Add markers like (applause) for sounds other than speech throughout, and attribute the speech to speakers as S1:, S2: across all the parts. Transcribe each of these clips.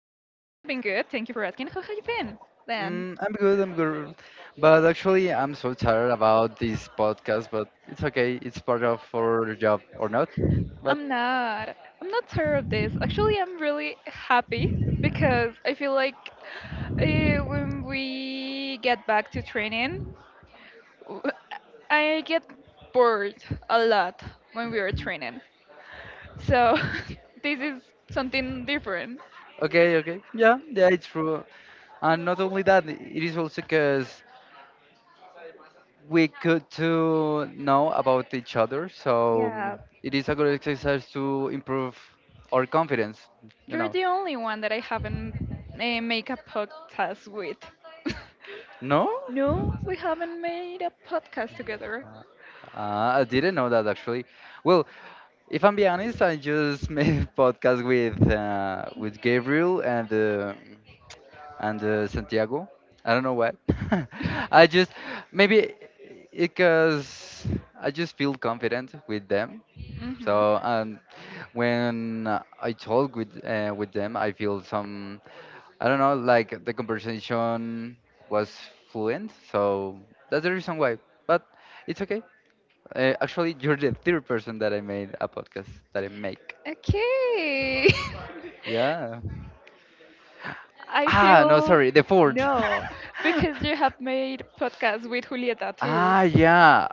S1: good. Thank you for asking. How have you been, then?
S2: I'm good. I'm good. But actually, I'm so tired about this podcast. But it's okay. It's part of our job, or not? But
S1: I'm not. I'm not sure of this. Actually, I'm really happy because I feel like uh, when we get back to training, w- I get bored a lot when we are training. So (laughs) this is something different.
S2: Okay, okay. Yeah, yeah, it's true. And not only that, it is also because we could to know about each other. So
S1: Yeah,
S2: it is a good exercise to improve our confidence. You
S1: you're
S2: know?
S1: the only one that I haven't make a podcast with. (laughs)
S2: No,
S1: No, we haven't made a podcast together.
S2: I didn't know that actually. Well, if I'm being honest, I just (laughs) made a podcast with with Gabriel and Santiago. I don't know why. (laughs)
S1: Hmm.
S2: I just maybe because I just feel confident with them. So when I talk with with them, I feel some I don't know like the conversation was fluent. So that's the reason why. But it's okay. Actually, you're the third person that I made a podcast that I make.
S1: Okay.
S2: Yeah.
S1: (laughs) I
S2: Ah, no,
S1: feel
S2: sorry, the fourth.
S1: no, because you
S2: (laughs)
S1: have made podcasts with Julieta too.
S2: Ah, yeah.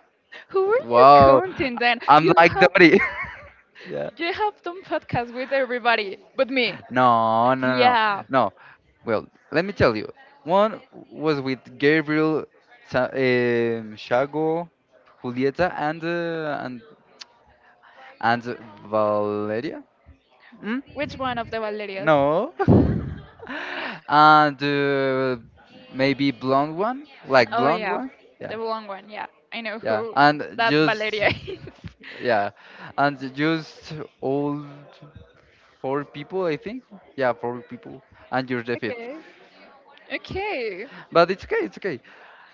S1: Who were you
S2: Wow.
S1: counting then?
S2: I'm like Dory. (laughs) Yeah.
S1: You have done podcasts with everybody but me.
S2: No, no, no, no.
S1: Yeah.
S2: No. Well, let me tell you. One was with Gabriel, Shago, Julieta, and Valeria. Hmm?
S1: Which one of the Valerias?
S2: No. (laughs) And maybe blonde one, like
S1: Oh
S2: blonde
S1: yeah,
S2: one. Yeah.
S1: the long one. Yeah, I know
S2: Yeah,
S1: who
S2: and
S1: that
S2: just,
S1: Valeria (laughs) is.
S2: yeah, and just all four people, I think. Yeah, four people, and you're the fifth.
S1: Okay. Okay.
S2: But it's okay, it's okay.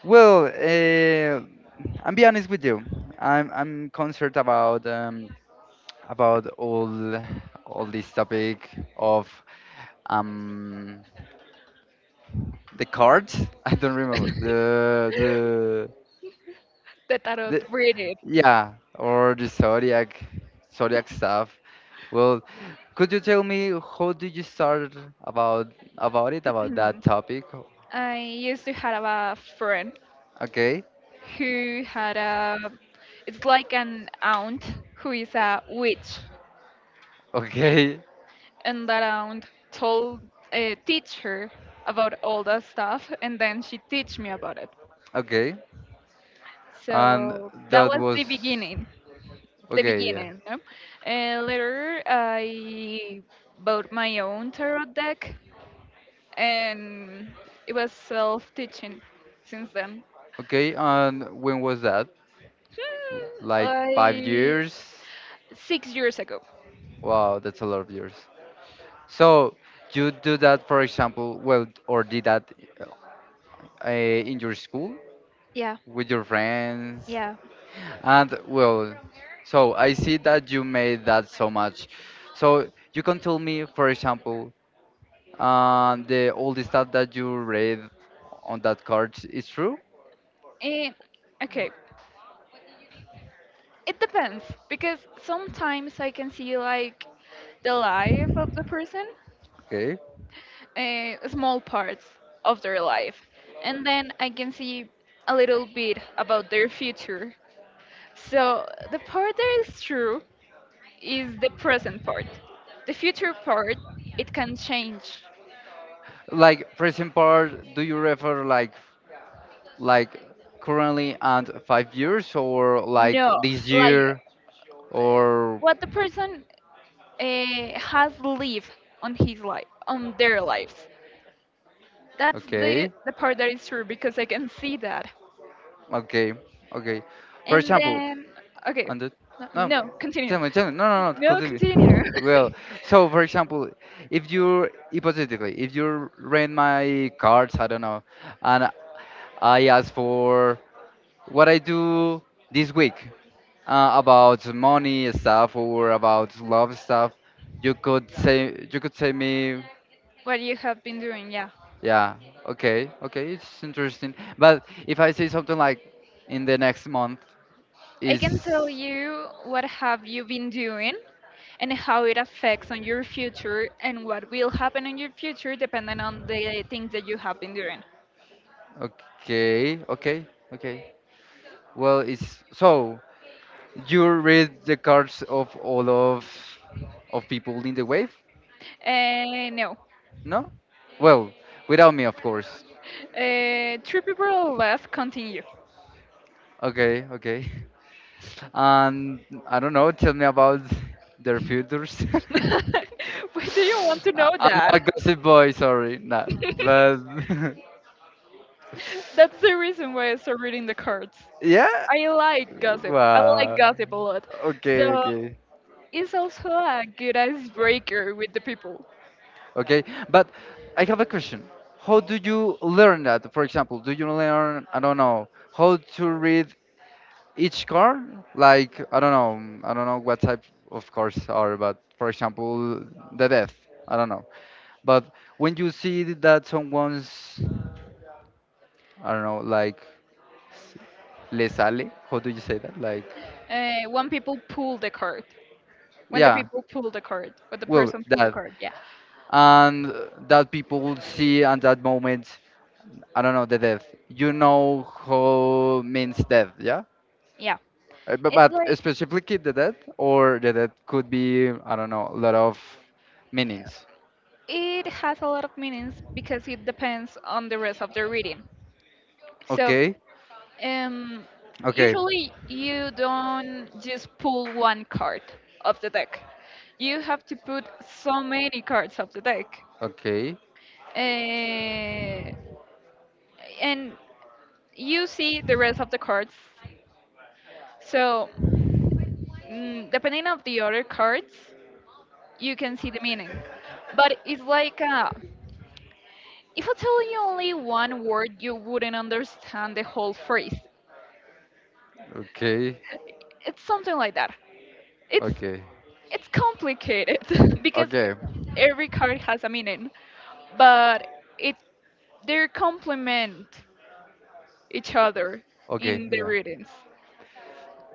S2: Well, I'm be honest with you. I'm concerned about about all this topic of um the cards. (laughs) I don't remember
S1: (laughs) the tarot
S2: the
S1: reading.
S2: Yeah, or the zodiac stuff. Well, could you tell me how did you start about about it, about that
S1: (clears throat)
S2: topic?
S1: I used to have a friend
S2: Okay.
S1: who it's like an aunt who is a witch,
S2: (laughs) Okay,
S1: and that aunt told teach her about all that stuff, and then she teach me about it.
S2: okay. And
S1: So that
S2: that
S1: was
S2: was
S1: the beginning, the
S2: okay, yeah,
S1: beginning. No? Later, I bought my own tarot deck, and it was self-teaching since then.
S2: okay. And when was that?
S1: Hmm,
S2: Like five
S1: I
S2: years?
S1: 6 years ago.
S2: Wow, that's a lot of years. So you do that, for example, well, or did that in your school
S1: Yeah.
S2: with your friends?
S1: Yeah.
S2: And well, so I see that you made that so much. So you can tell me, for example, the all the stuff that you read on that card is true.
S1: Eh, okay, it depends because sometimes I can see like the life of the person,
S2: Okay.
S1: small parts of their life, and then I can see a little bit about their future. So the part that is true is the present part. The future part, it can change.
S2: Like, for example, do you refer like currently and 5 years, or like
S1: No,
S2: this
S1: like
S2: year or
S1: what the person has lived on his life, on their lives. That's the
S2: Okay,
S1: the part that is true because I can see that.
S2: okay, okay. For
S1: And
S2: example,
S1: then okay,
S2: On the no,
S1: no, continue.
S2: tell me, tell me. No, no, no.
S1: No,
S2: Continue.
S1: continue.
S2: (laughs) Well,
S1: (laughs)
S2: so for example, if you hypothetically, if you rent my cards, I don't know, and I ask for what I do this week, about money stuff or about love stuff, you could say me,
S1: what you have been doing, yeah.
S2: yeah, okay, okay, it's interesting. But if I say something like in the next month
S1: I
S2: is.
S1: can tell you what have you been doing and how it affects on your future and what will happen in your future depending on the things that you have been doing.
S2: Okay, okay, okay. Well, it's so you read the cards of all of people in the wave,
S1: No.
S2: no? Well, without me, of course.
S1: Three people left, continue.
S2: Okay, okay. (laughs) And I don't know. Tell me about their futures. (laughs)
S1: (laughs) Why do you want to
S2: I-
S1: know
S2: I'm
S1: that?
S2: a gossip boy. Sorry, nah. But
S1: (laughs)
S2: (laughs)
S1: (laughs) That's the reason why I started reading the cards.
S2: yeah.
S1: I like gossip. I like
S2: Wow.
S1: gossip a lot.
S2: Okay,
S1: So
S2: okay.
S1: it's also a good icebreaker with the people.
S2: Okay, but I have a question. How do you learn that? For example, do you learn, I don't know, how to read each car? Like, I don't know what type of cars are, but for example, the death, I don't know. But when you see that someone's, I don't know, like, s- le sale, how do you say that? Like,
S1: When people pull the card. When the
S2: yeah,
S1: people pull the card. When the
S2: well,
S1: person pull the
S2: that.
S1: card. Yeah.
S2: And that people will see at that moment, I don't know, the death. You know how means death, yeah?
S1: Yeah.
S2: But,
S1: It's like
S2: specifically the death, or the death could be, I don't know, a lot of meanings.
S1: it has a lot of meanings because it depends on the rest of the reading. So
S2: Okay,
S1: um,
S2: okay,
S1: usually you don't just pull one card of the deck. You have to put so many cards of the deck
S2: okay,
S1: uh, and you see the rest of the cards. So depending of the other cards, you can see the meaning. But it's like if I tell you only one word, you wouldn't understand the whole phrase.
S2: okay,
S1: It's something like that. It's
S2: okay,
S1: it's complicated (laughs) because
S2: okay,
S1: every card has a meaning, but it they complement each other
S2: okay,
S1: in the
S2: yeah.
S1: readings.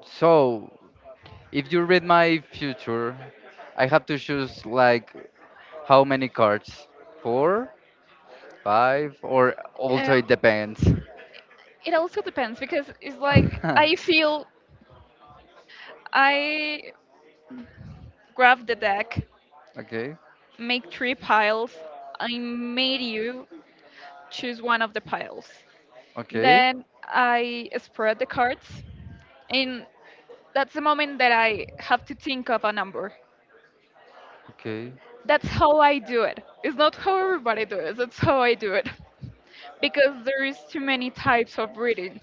S2: So, if you read my future, I have to choose like how many cards? Four, five, or also
S1: Um,
S2: it depends.
S1: It also depends because it's like
S2: (laughs)
S1: I grab the deck,
S2: Okay,
S1: make three piles. I made you choose one of the piles.
S2: okay,
S1: Then I spread the cards, and that's the moment that I have to think of a number.
S2: okay,
S1: That's how I do it. It's not how everybody does. It's how I do it (laughs) because there is too many types of readings.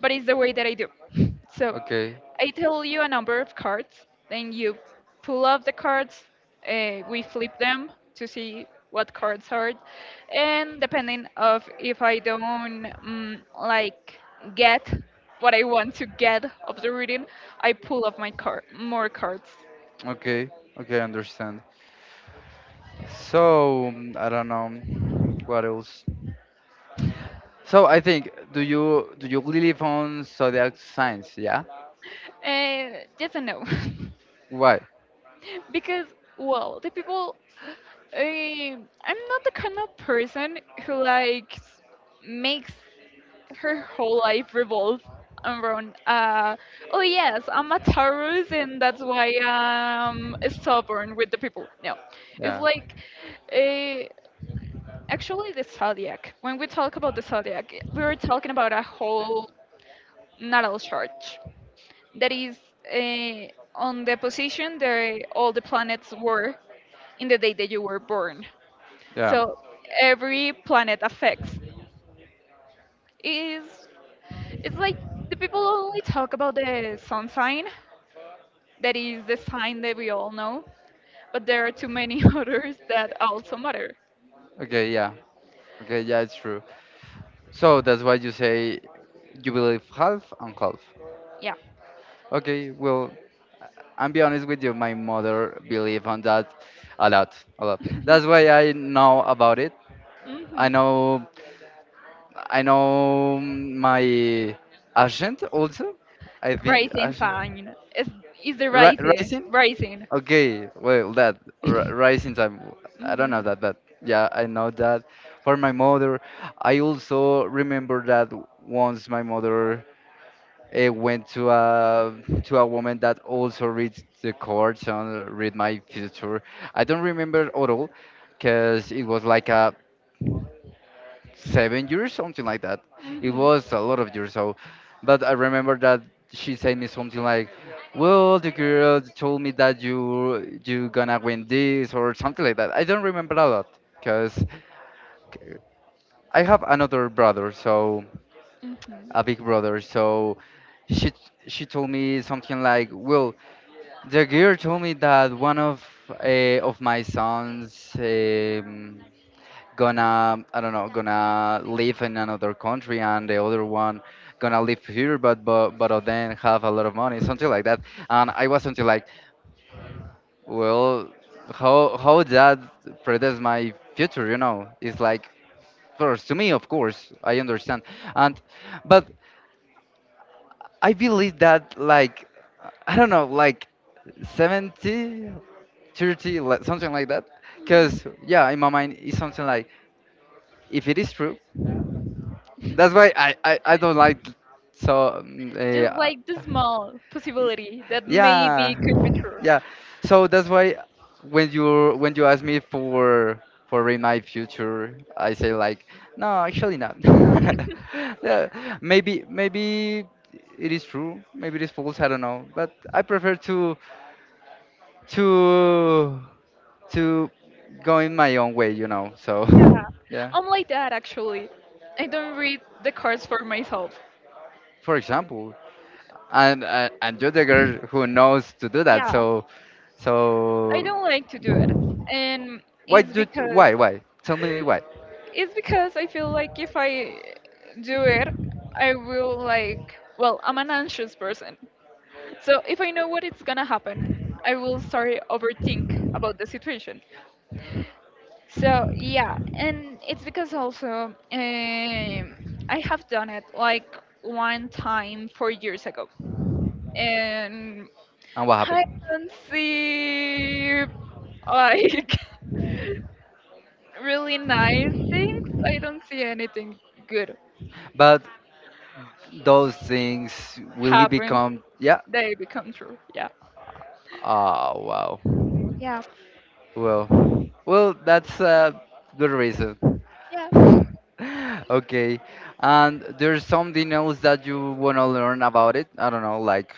S1: But it's the way that I do. (laughs) So
S2: okay,
S1: I tell you a number of cards, then you pull up the cards, we flip them to see what cards are, and depending of if I don't like get what I want to get of the reading, I pull up my card more cards.
S2: okay, okay, understand. So I don't know what else. So I think, do you believe on zodiac signs? Yeah.
S1: Yes and no,
S2: Why?
S1: (laughs) because well, the people I'm not the kind of person who likes makes her whole life revolves around oh yes, I'm a Taurus, and that's why I'm stubborn with the people. No, it's
S2: Yeah.
S1: like a actually the zodiac, when we talk about the zodiac, we were talking about a whole natal chart that is uh, on the position that all the planets were in the day that you were born.
S2: Yeah.
S1: So every planet affects is it's like the people only talk about the sun sign, that is the sign that we all know, but there are too many (laughs) others that also matter.
S2: Okay. Yeah. Okay. Yeah. It's true. So that's why you say you believe half and half.
S1: Yeah.
S2: Okay. Well, I'm be honest with you. My mother believe on that a lot, a lot.
S1: (laughs)
S2: That's why I know about it.
S1: hmm
S2: I know. I know my agent also. I think.
S1: Rising
S2: Agent.
S1: sign is the
S2: Ri-
S1: rising
S2: rising?
S1: rising.
S2: Okay, well, that ri-
S1: (laughs)
S2: rising time. I don't
S1: hmm
S2: know that, but yeah, I know that. For my mother, I also remember that once my mother went to a woman that also reads the cards and read my future. I don't remember at all, cause it was like a 7 years, something like that. It
S1: hmm
S2: was a lot of years. But I remember that she said me something like, "Well, the girl told me that you gonna win this or something like that." I don't remember a lot because I have another brother, so
S1: hmm
S2: a big brother. So she she told me something like, "Well, the girl told me that one of of my sons." Gonna I don't know gonna live in another country, and the other one gonna live here, but but then have a lot of money, something like that. And I was something like, well, how that predicts my future, you know? It's like first to me, of course I understand. And but I believe that like I don't know like 70, 30, like, something like that. Because yeah, in my mind it's something like, if it is true. That's why I don't like. So
S1: Just like the small
S2: Y-
S1: possibility that
S2: yeah
S1: maybe could be true.
S2: yeah so that's why when you ask me for in my future, I say like, no, actually not. (laughs) Yeah, maybe it is true, maybe it is false, I don't know, but I prefer to to to go in my own way, so.
S1: Yeah,
S2: (laughs) Yeah.
S1: I'm like that actually. I don't read the cards for myself.
S2: For example, and you're the girl who knows to do that.
S1: Yeah,
S2: So,
S1: I
S2: so
S1: don't like to do it, and
S2: why
S1: it's
S2: do
S1: because
S2: why why? Tell me why
S1: It's because I feel like if I do it, I will like, well, I'm an anxious person. So if I know what it's gonna happen, I will start overthink about the situation. So yeah, and it's because also I have done it like one time 4 years ago, and
S2: and what
S1: I
S2: happened.
S1: don't see like (laughs) really nice things. I don't see anything good
S2: But those things, will it
S1: happen.
S2: become? Yeah.
S1: They become true. Yeah.
S2: Oh wow.
S1: Yeah,
S2: Well, that's a good reason.
S1: yeah.
S2: (laughs) Okay, and there's something else that you wanna learn about it. I don't know, like,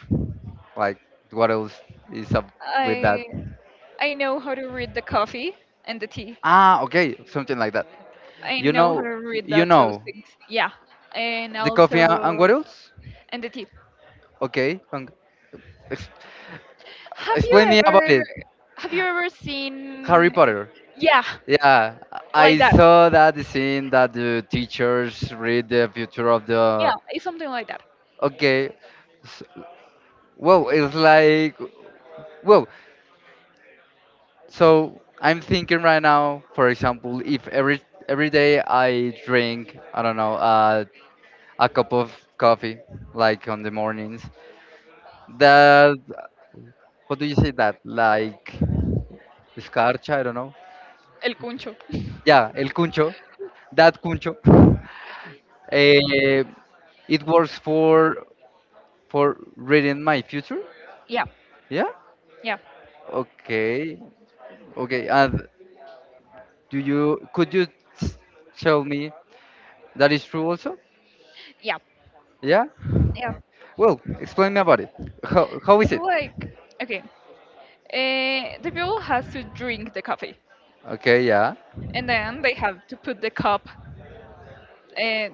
S2: like what else is up with that?
S1: I I know how to read the coffee and the tea.
S2: Ah, okay, something like that.
S1: I
S2: You
S1: know how
S2: know,
S1: to read
S2: you
S1: that those
S2: know,
S1: things. Yeah, and
S2: the coffee, and
S1: also
S2: what else?
S1: and the tea.
S2: Okay, and ex-
S1: Have you
S2: explain me about
S1: ever
S2: it.
S1: have you ever
S2: Harry
S1: seen?
S2: Potter.
S1: Yeah,
S2: Yeah,
S1: like
S2: I
S1: that.
S2: saw that scene that the teachers read the future of the.
S1: Yeah, it's something like that.
S2: Okay, s- well, it's like, well, so I'm thinking right now. For example, if every day I drink, I don't know, a cup of coffee, like on the mornings, that how do you say that? Like escarcha, I don't know.
S1: El cuncho. (laughs)
S2: Yeah, el cuncho. That cuncho. (laughs) Eh, it works for reading my future.
S1: Yeah,
S2: Yeah.
S1: yeah,
S2: Okay. Okay. And do you could you s- tell me that is true also?
S1: yeah,
S2: Yeah.
S1: yeah.
S2: Well, explain me about it. How is
S1: It's
S2: it?
S1: like okay, the people has to drink the coffee,
S2: Okay. Yeah.
S1: and then they have to put the cup uh,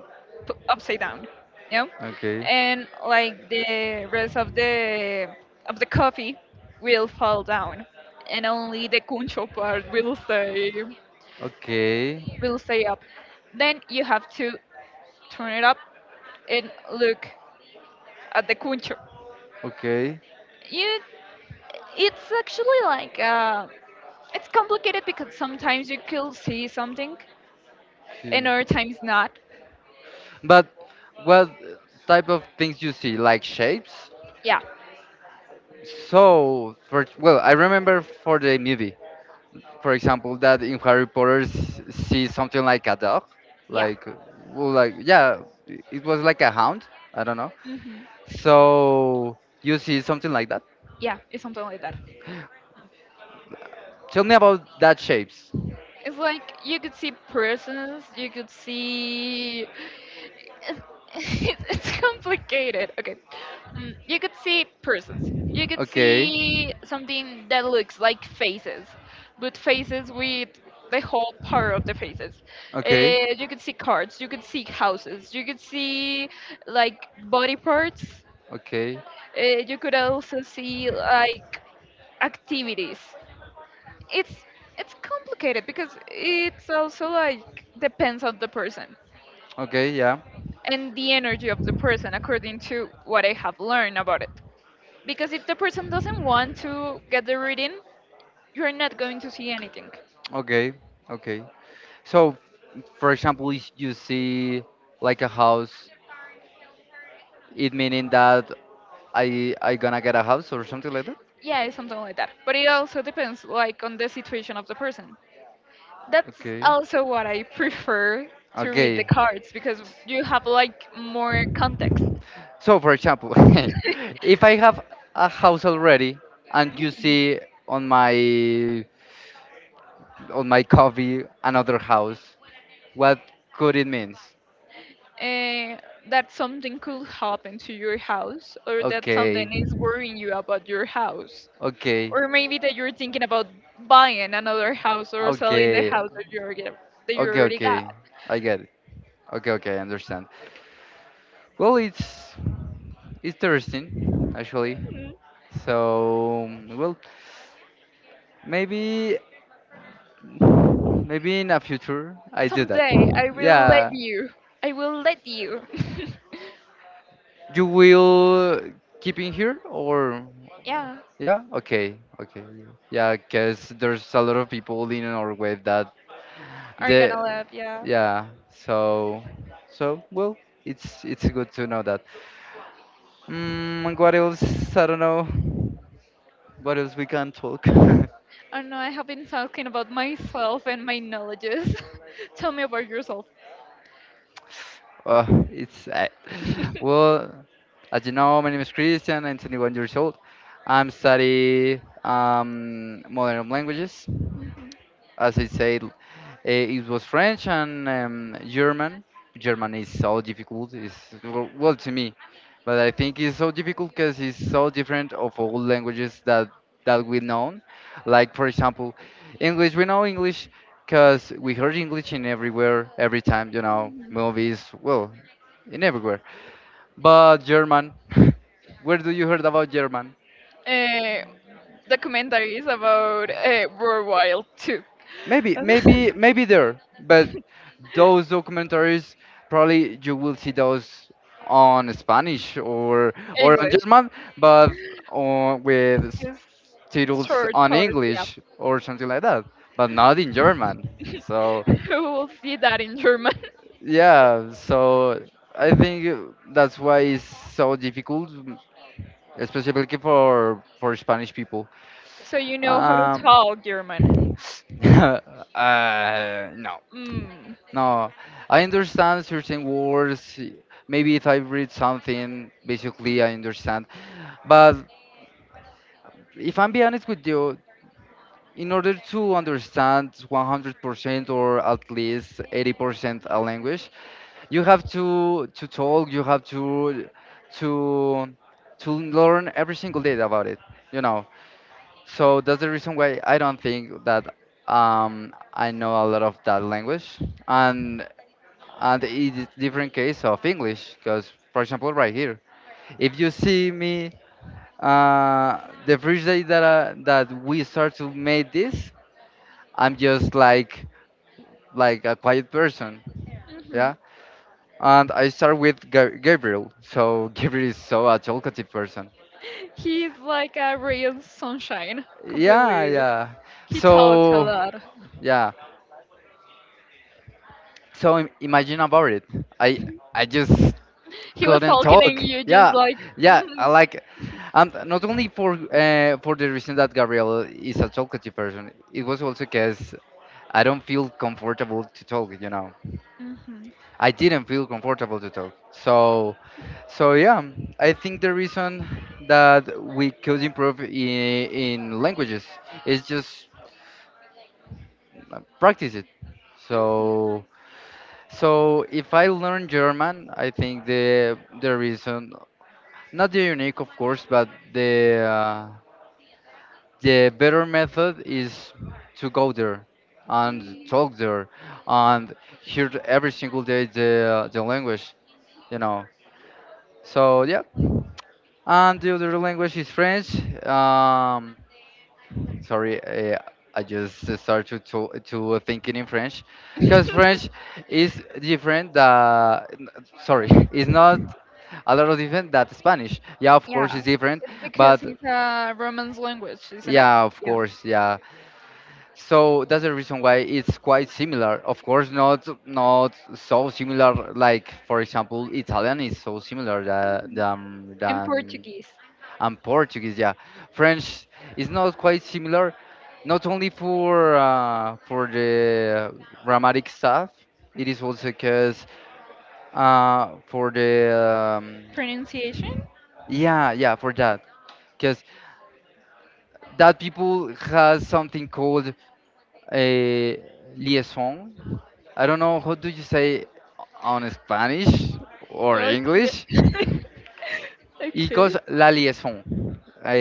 S1: upside down, you know,
S2: Okay.
S1: and like the rest of the coffee will fall down, and only the concho part will stay
S2: Okay.
S1: will stay up. Then you have to turn it up and look at the concho.
S2: Okay.
S1: You, it's actually like it's complicated because sometimes you could see something, and
S2: Okay.
S1: other times not.
S2: But what type of things you see, like shapes?
S1: Yeah,
S2: So, for well, I remember for the movie, for example, that in Harry Potter see something like a dog,
S1: yeah,
S2: like, well, like, yeah, it was like a hound. I don't know.
S1: hmm
S2: So you see something like that.
S1: yeah, it's something like that.
S2: Tell me about that shapes.
S1: It's like you could see persons, you could see. It's, (laughs) it's complicated. Okay. You could see persons. You could
S2: Okay,
S1: see something that looks like faces, but faces with the whole part of the faces.
S2: okay,
S1: You could see cards, you could see houses, you could see like body parts.
S2: okay,
S1: Uh, you could also see like activities. It's it's complicated because it's also like depends on the person
S2: okay, yeah,
S1: and the energy of the person according to what I have learned about it. Because if the person doesn't want to get the reading, you're not going to see anything.
S2: okay, okay. So, for example, if you see like a house, it meaning that I gonna get a house or something like that?
S1: Yeah, it's something like that. But it also depends like on the situation of the person. That's
S2: Okay.
S1: also what I prefer to read the
S2: Okay.
S1: cards because you have like more context.
S2: So for example, (laughs) if I
S1: (laughs)
S2: have a house already and you see on my on my coffee another house, what could it means?
S1: uh, that something could happen to your house or that
S2: Okay.
S1: something is worrying you about your house,
S2: Okay.
S1: or maybe that you're thinking about buying another house or selling the
S2: Okay.
S1: house that you already, that you
S2: Okay,
S1: already got.
S2: okay. I get it. Okay, okay, I understand. Well, it's interesting actually.
S1: Mm,
S2: So, well, maybe Maybe in a future I do that.
S1: someday i will let
S2: Yeah,
S1: you i will let you (laughs)
S2: you will keep in here or
S1: yeah,
S2: yeah, okay, okay. Yeah, because there's a lot of people in our wave that
S1: are you
S2: they
S1: gonna laugh? Yeah.
S2: yeah. So, well, it's good to know that. What else? I don't know. What else we can talk? (laughs)
S1: I don't know, I have been talking about myself and my knowledges. (laughs) Tell me about yourself.
S2: Uh, (laughs) it's
S1: (laughs)
S2: well, as you know, my name is Christian. I'm 21 years old. I'm study modern languages, as I said, it was French and German. German is so difficult. It's well, to me, but I think it's so difficult because it's so different of all languages that we know. Like for example, English. We know English because we heard English in everywhere, every time. You know, movies. Well, in everywhere. But German. (laughs) Where do you heard about German?
S1: uh, documentaries about World Wild 2.
S2: Maybe,
S1: (laughs)
S2: maybe, maybe there, but those documentaries probably you will see those on Spanish or on
S1: English.
S2: German, but with
S1: This
S2: titles
S1: third
S2: on
S1: part, yeah.
S2: English or something like that, but not in German. So
S1: (laughs) Who will see that in German? (laughs)
S2: yeah, so I think that's why it's so difficult, especially for Spanish people.
S1: So you know how to
S2: Um,
S1: talk German.
S2: (laughs) uh, no,
S1: Mm.
S2: No, I understand certain words. Maybe if I read something, basically I understand. But if I'm be honest with you, in order to understand 100% or at least 80% a language, you have to talk. You have to to learn every single day about it. You know. So that's the reason why I don't think that I know a lot of that language. And and it is different case of English because, for example, right here, if you see me, uh, the first day that that we start to make this, I'm just like a quiet person,
S1: hmm
S2: yeah. And I start with Gabriel, so (laughs) Gabriel is so a talkative person.
S1: He's like a ray of sunshine,
S2: Yeah,
S1: completely.
S2: yeah.
S1: He talks a
S2: So
S1: lot.
S2: yeah. So imagine about it. I I just
S1: He was
S2: couldn't
S1: talking and
S2: talk.
S1: you just
S2: Yeah,
S1: like,
S2: yeah, I like it.
S1: mm-hmm,
S2: And not only for the reason that Gabriel is a talkative person, it was also because I don't feel comfortable to talk.
S1: mm-hmm,
S2: I didn't feel comfortable to talk. So yeah, I think the reason that we could improve in languages is just, practice it. So, so if I learn German, I think the reason. Not the unique, of course, but the better method is to go there and talk there and hear every single day the language, you know. So yeah, and the other language is French. Um, Sorry, I just started to thinking in French, because
S1: mm-hmm.
S2: French
S1: (laughs)
S2: is different. Sorry, (laughs) is not a lot of different that Spanish. Yeah, of course,
S1: Yeah,
S2: it's different,
S1: it's because
S2: but
S1: it's a Romance language, isn't it?
S2: yeah, of
S1: Yeah.
S2: course, yeah. So that's the reason why it's quite similar. Of course, not so similar. Like for example, Italian is so similar tha-
S1: Mhm.
S2: than
S1: In
S2: than
S1: Portuguese.
S2: and Portuguese. Yeah, French is not quite similar. Not only for the grammatic stuff, it is also because, for the um,
S1: Pronunciation?
S2: yeah, yeah, for that, because that people has something called a liaison. I don't know how do you say on Spanish or English.
S1: Okay. (laughs)
S2: It goes
S1: okay.
S2: la liaison.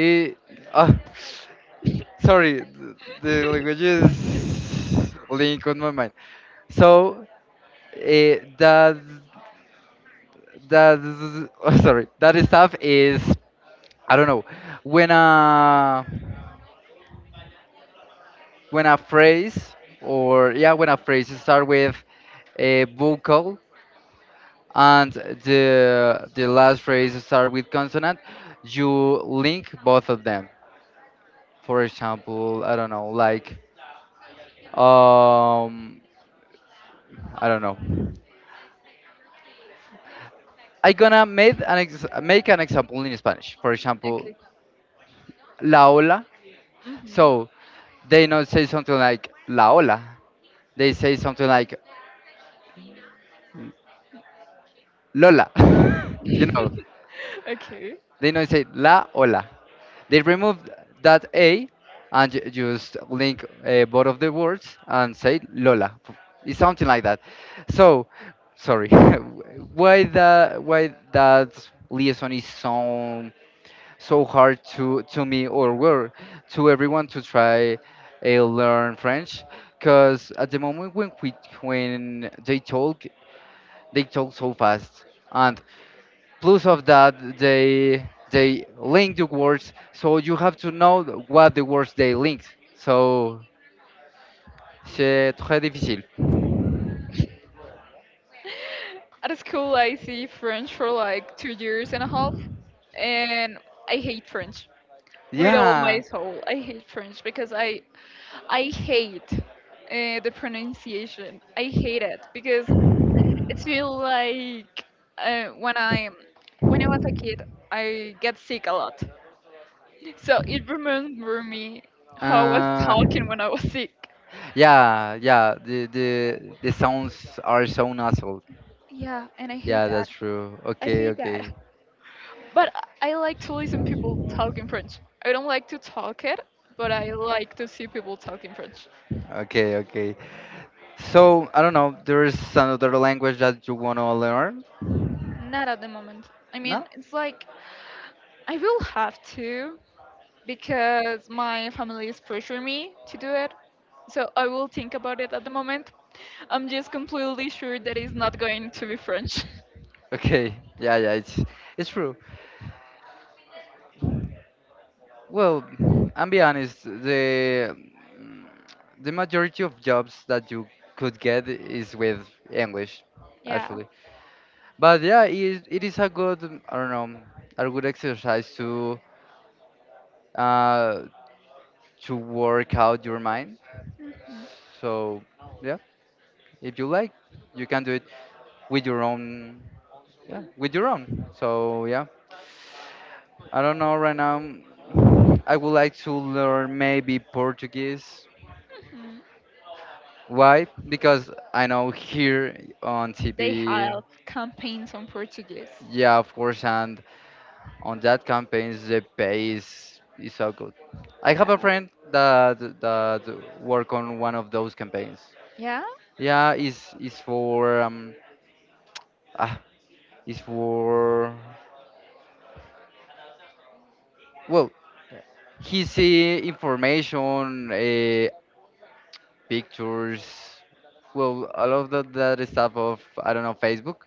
S2: i- ah, Sorry, the
S1: (laughs)
S2: language
S1: Okay.
S2: is link on my mind. So uh, that sorry, that stuff is, I don't know, when uh when a phrase, or yeah, when a phrase start with a vocal, and the last phrase start with consonant, you link both of them. For example, I don't know, like, um I don't know, I gonna make an example in Spanish, for example,
S1: Okay.
S2: la ola.
S1: Hmm.
S2: So they not say something like la ola, they say something like lola, (laughs) you know.
S1: (laughs) okay.
S2: They don't say la or la. They removed that A, and just link both of the words and say Lola. It's something like that. So, sorry, (laughs) why that liaison is so hard to me, or well, to everyone, to try learn French? Because at the moment when they talk so fast, and plus of that, they link the words, so you have to know what the words they linked. So c'est très difficile.
S1: At school, I see French for like 2 years and a half, and I hate French with all my
S2: Yeah.
S1: soul. I hate French because I hate the pronunciation. I hate it because it feels like uh, when I when I was a kid, I get sick a lot. So it remember me how I was
S2: Uh,
S1: talking when I was sick.
S2: yeah, yeah. The sounds are so nasal.
S1: Yeah, and I hate
S2: Yeah,
S1: that.
S2: that's true.
S1: I
S2: Okay,
S1: hate
S2: okay,
S1: that. But I like to listen people talk in French. I don't like to talk it, but I like to see people talk in French.
S2: okay, okay. So I don't know. There is another language that you wanna learn?
S1: Not at the moment. I mean,
S2: No?
S1: it's like I will have to, because my family is pressuring me to do it. So I will think about it at the moment. I'm just completely sure that it's not going to be French.
S2: Okay. Yeah, yeah. It's true. Well, I'm be honest, mm, the majority of jobs that you could get is with English,
S1: (laughs) Yeah.
S2: actually. But yeah, it is a good, I don't know, a good exercise uh, to work out your mind. So yeah, if you like, you can do it with your own, yeah, with your own. So yeah, I don't know right now. I would like to learn maybe Portuguese.
S1: Mm.
S2: Why? Because I know here on
S1: They
S2: TV,
S1: have campaigns on Portuguese.
S2: yeah, of course, and on that campaigns the pay is so good. I have
S1: Yeah.
S2: a friend that work on one of those campaigns.
S1: Yeah.
S2: Yeah, is for, ah, is for, well, he see information, pictures, well, all of that, that stuff of, I don't know, Facebook.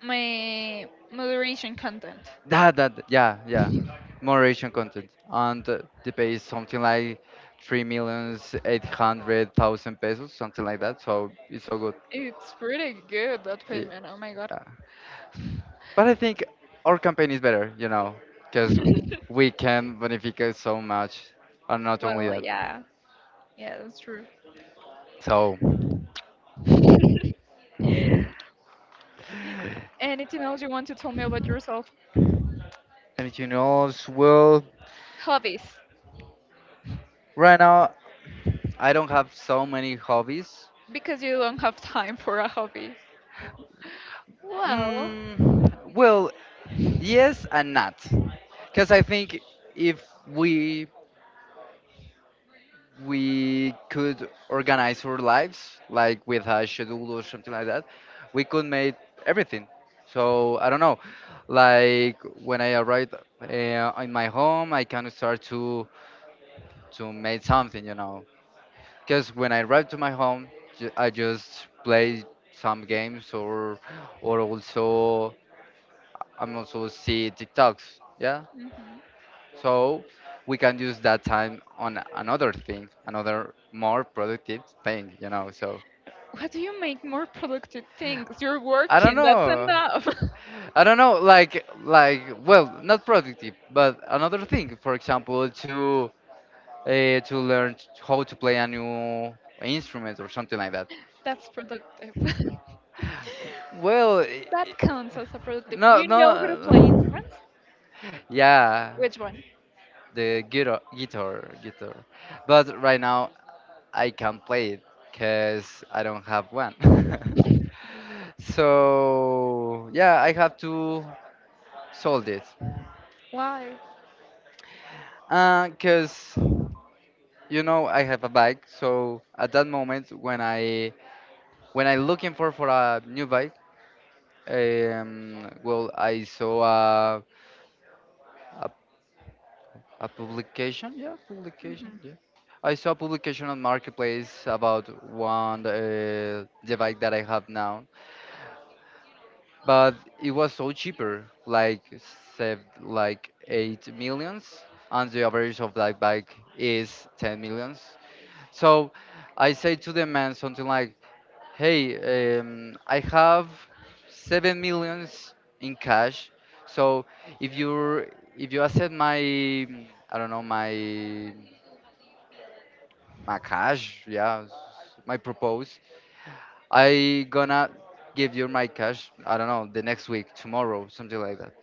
S1: My moderation content.
S2: That, yeah, yeah, moderation content, and they pay is something like three millions eight hundred thousand pesos, something like that. So it's so good.
S1: It's pretty good, that
S2: Y-
S1: payment. Oh my god.
S2: Yeah. But I think our campaign is better, you know, because
S1: (laughs)
S2: we can benefit so much, and not only
S1: Well,
S2: that.
S1: yeah. Yeah, that's true.
S2: So,
S1: (laughs) Anything else you want to tell me about yourself?
S2: anything else? Well,
S1: Hobbies.
S2: right now I don't have so many hobbies.
S1: Because you don't have time for a hobby. Well,
S2: Mm, well, yes and not, because I think if we we could organize our lives like with a schedule or something like that, we could make everything. So I don't know, like when I arrive, uh, in my home, I can start to make something, you know, because when I arrive to my home, I just play some games, or also, I'm also see TikToks, yeah.
S1: hmm
S2: So we can use that time on another thing, another more productive thing, you know. So
S1: what do you make more productive things? You're
S2: i don't
S1: working, that's
S2: know
S1: enough.
S2: I don't know, like, well, not productive but another thing, for example, to learn how to play a new instrument or something like that.
S1: (laughs) That's productive.
S2: Well,
S1: (laughs) That counts as a productive.
S2: no,
S1: You know how to play
S2: no,
S1: instruments?
S2: yeah.
S1: Which one?
S2: The guitar. But right now I can't play it because I don't have one. (laughs) So yeah, I have to solve it.
S1: (laughs) Why?
S2: Cause you know I have a bike, so at that moment when I looking for a new bike, well I saw a a publication, yeah,
S1: Hmm.
S2: publication, yeah. I saw a publication on Marketplace about one the bike that I have now, but it was so cheaper, like saved like 8 millions, and the average of that bike is 10 millions. So I say to the man something like, "Hey, I have 7 millions in cash. So if you if you accept my, I don't know, my cash, yeah, my propose, I gonna give you my cash. I don't know, the next week, tomorrow, something like that."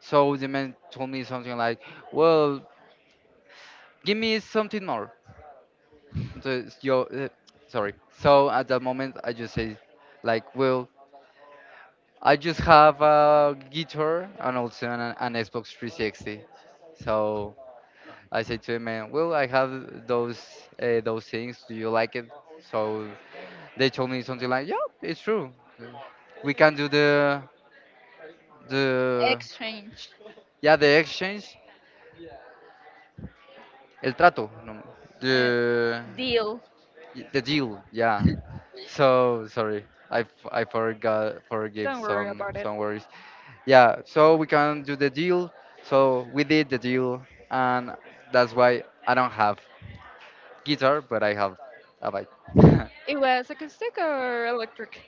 S2: So the man told me something like, "Well, give me something more." So, sorry. So at that moment, I just said, like, "Well, I just have a guitar and also an Xbox 360." So I said to the man, "Well, I have those things. Do you like it?" So they told me something like, "Yeah, it's true. We can do the,
S1: Exchange.
S2: yeah, the exchange, el trato, no,
S1: Uh,
S2: the
S1: deal.
S2: the deal, yeah." So sorry, I forgot,
S1: (laughs)
S2: forgive
S1: Don't worry
S2: some
S1: about it.
S2: some worries. Yeah, so we can do the deal. So we did the deal, and that's why I don't have guitar, but I have a bike. (laughs)
S1: It was acoustic or electric?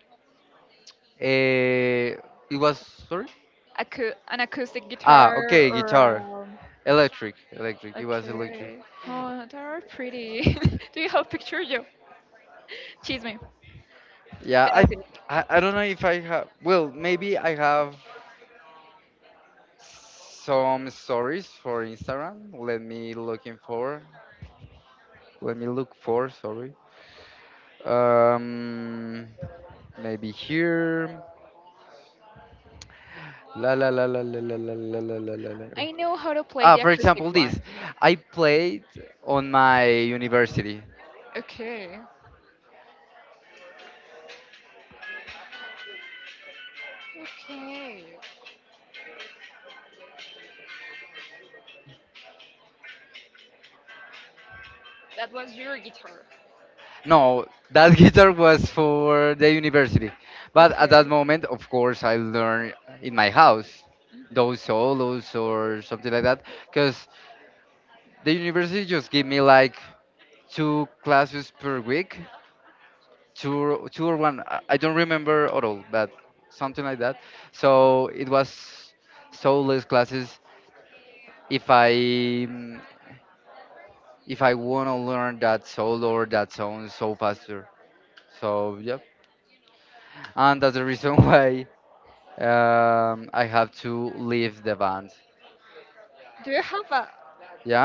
S2: Eh, it was, sorry.
S1: An acoustic
S2: Ah,
S1: guitar
S2: okay, guitar,
S1: or
S2: electric, electric. It was electric.
S1: Okay. Oh, they are pretty. (laughs) Do you have picture? You. Chisme.
S2: Yeah, I
S1: Gossip.
S2: I, I don't know if I have. Well, maybe I have some stories for Instagram. Let me looking for. Let me look for. Sorry. Um, Maybe here. La la la la la la la la la la la, la.
S1: I know how to play
S2: Ah,
S1: the
S2: for
S1: acoustic
S2: example, this.
S1: one.
S2: I played on my university.
S1: Okay. Okay, that was your guitar.
S2: No, that (laughs) guitar was for the university. But at that
S1: Okay.
S2: moment, of course, I learned in my house
S1: Mhm.
S2: those solos or something like that, because the university just give me like two classes per week, two or- two or one, I don't remember at all, but something like that. So it was soulless classes, if i mm, if I want to learn that soul or that sound so faster. So yeah, and that's the reason (laughs) why I have to leave the band.
S1: Do you have a?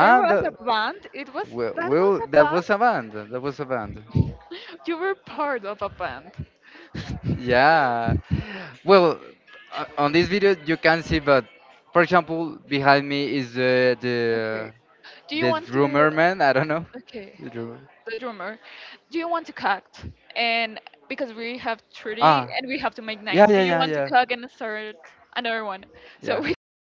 S1: There was a
S2: the,
S1: band. It was
S2: well,
S1: that was
S2: well
S1: a
S2: that
S1: band.
S2: was a band,
S1: (laughs) You were part of a band. (laughs)
S2: yeah, well, on this video you can see, but for example, behind me is the
S1: okay. Do you
S2: The
S1: want to?
S2: drummer man, I don't know.
S1: Okay.
S2: The drummer.
S1: The drummer, do you want to cook? And because we have 30
S2: Ah,
S1: and we have to make
S2: yeah,
S1: nine, do you
S2: yeah,
S1: want to
S2: yeah,
S1: cook and start another one? So we
S2: yeah,
S1: can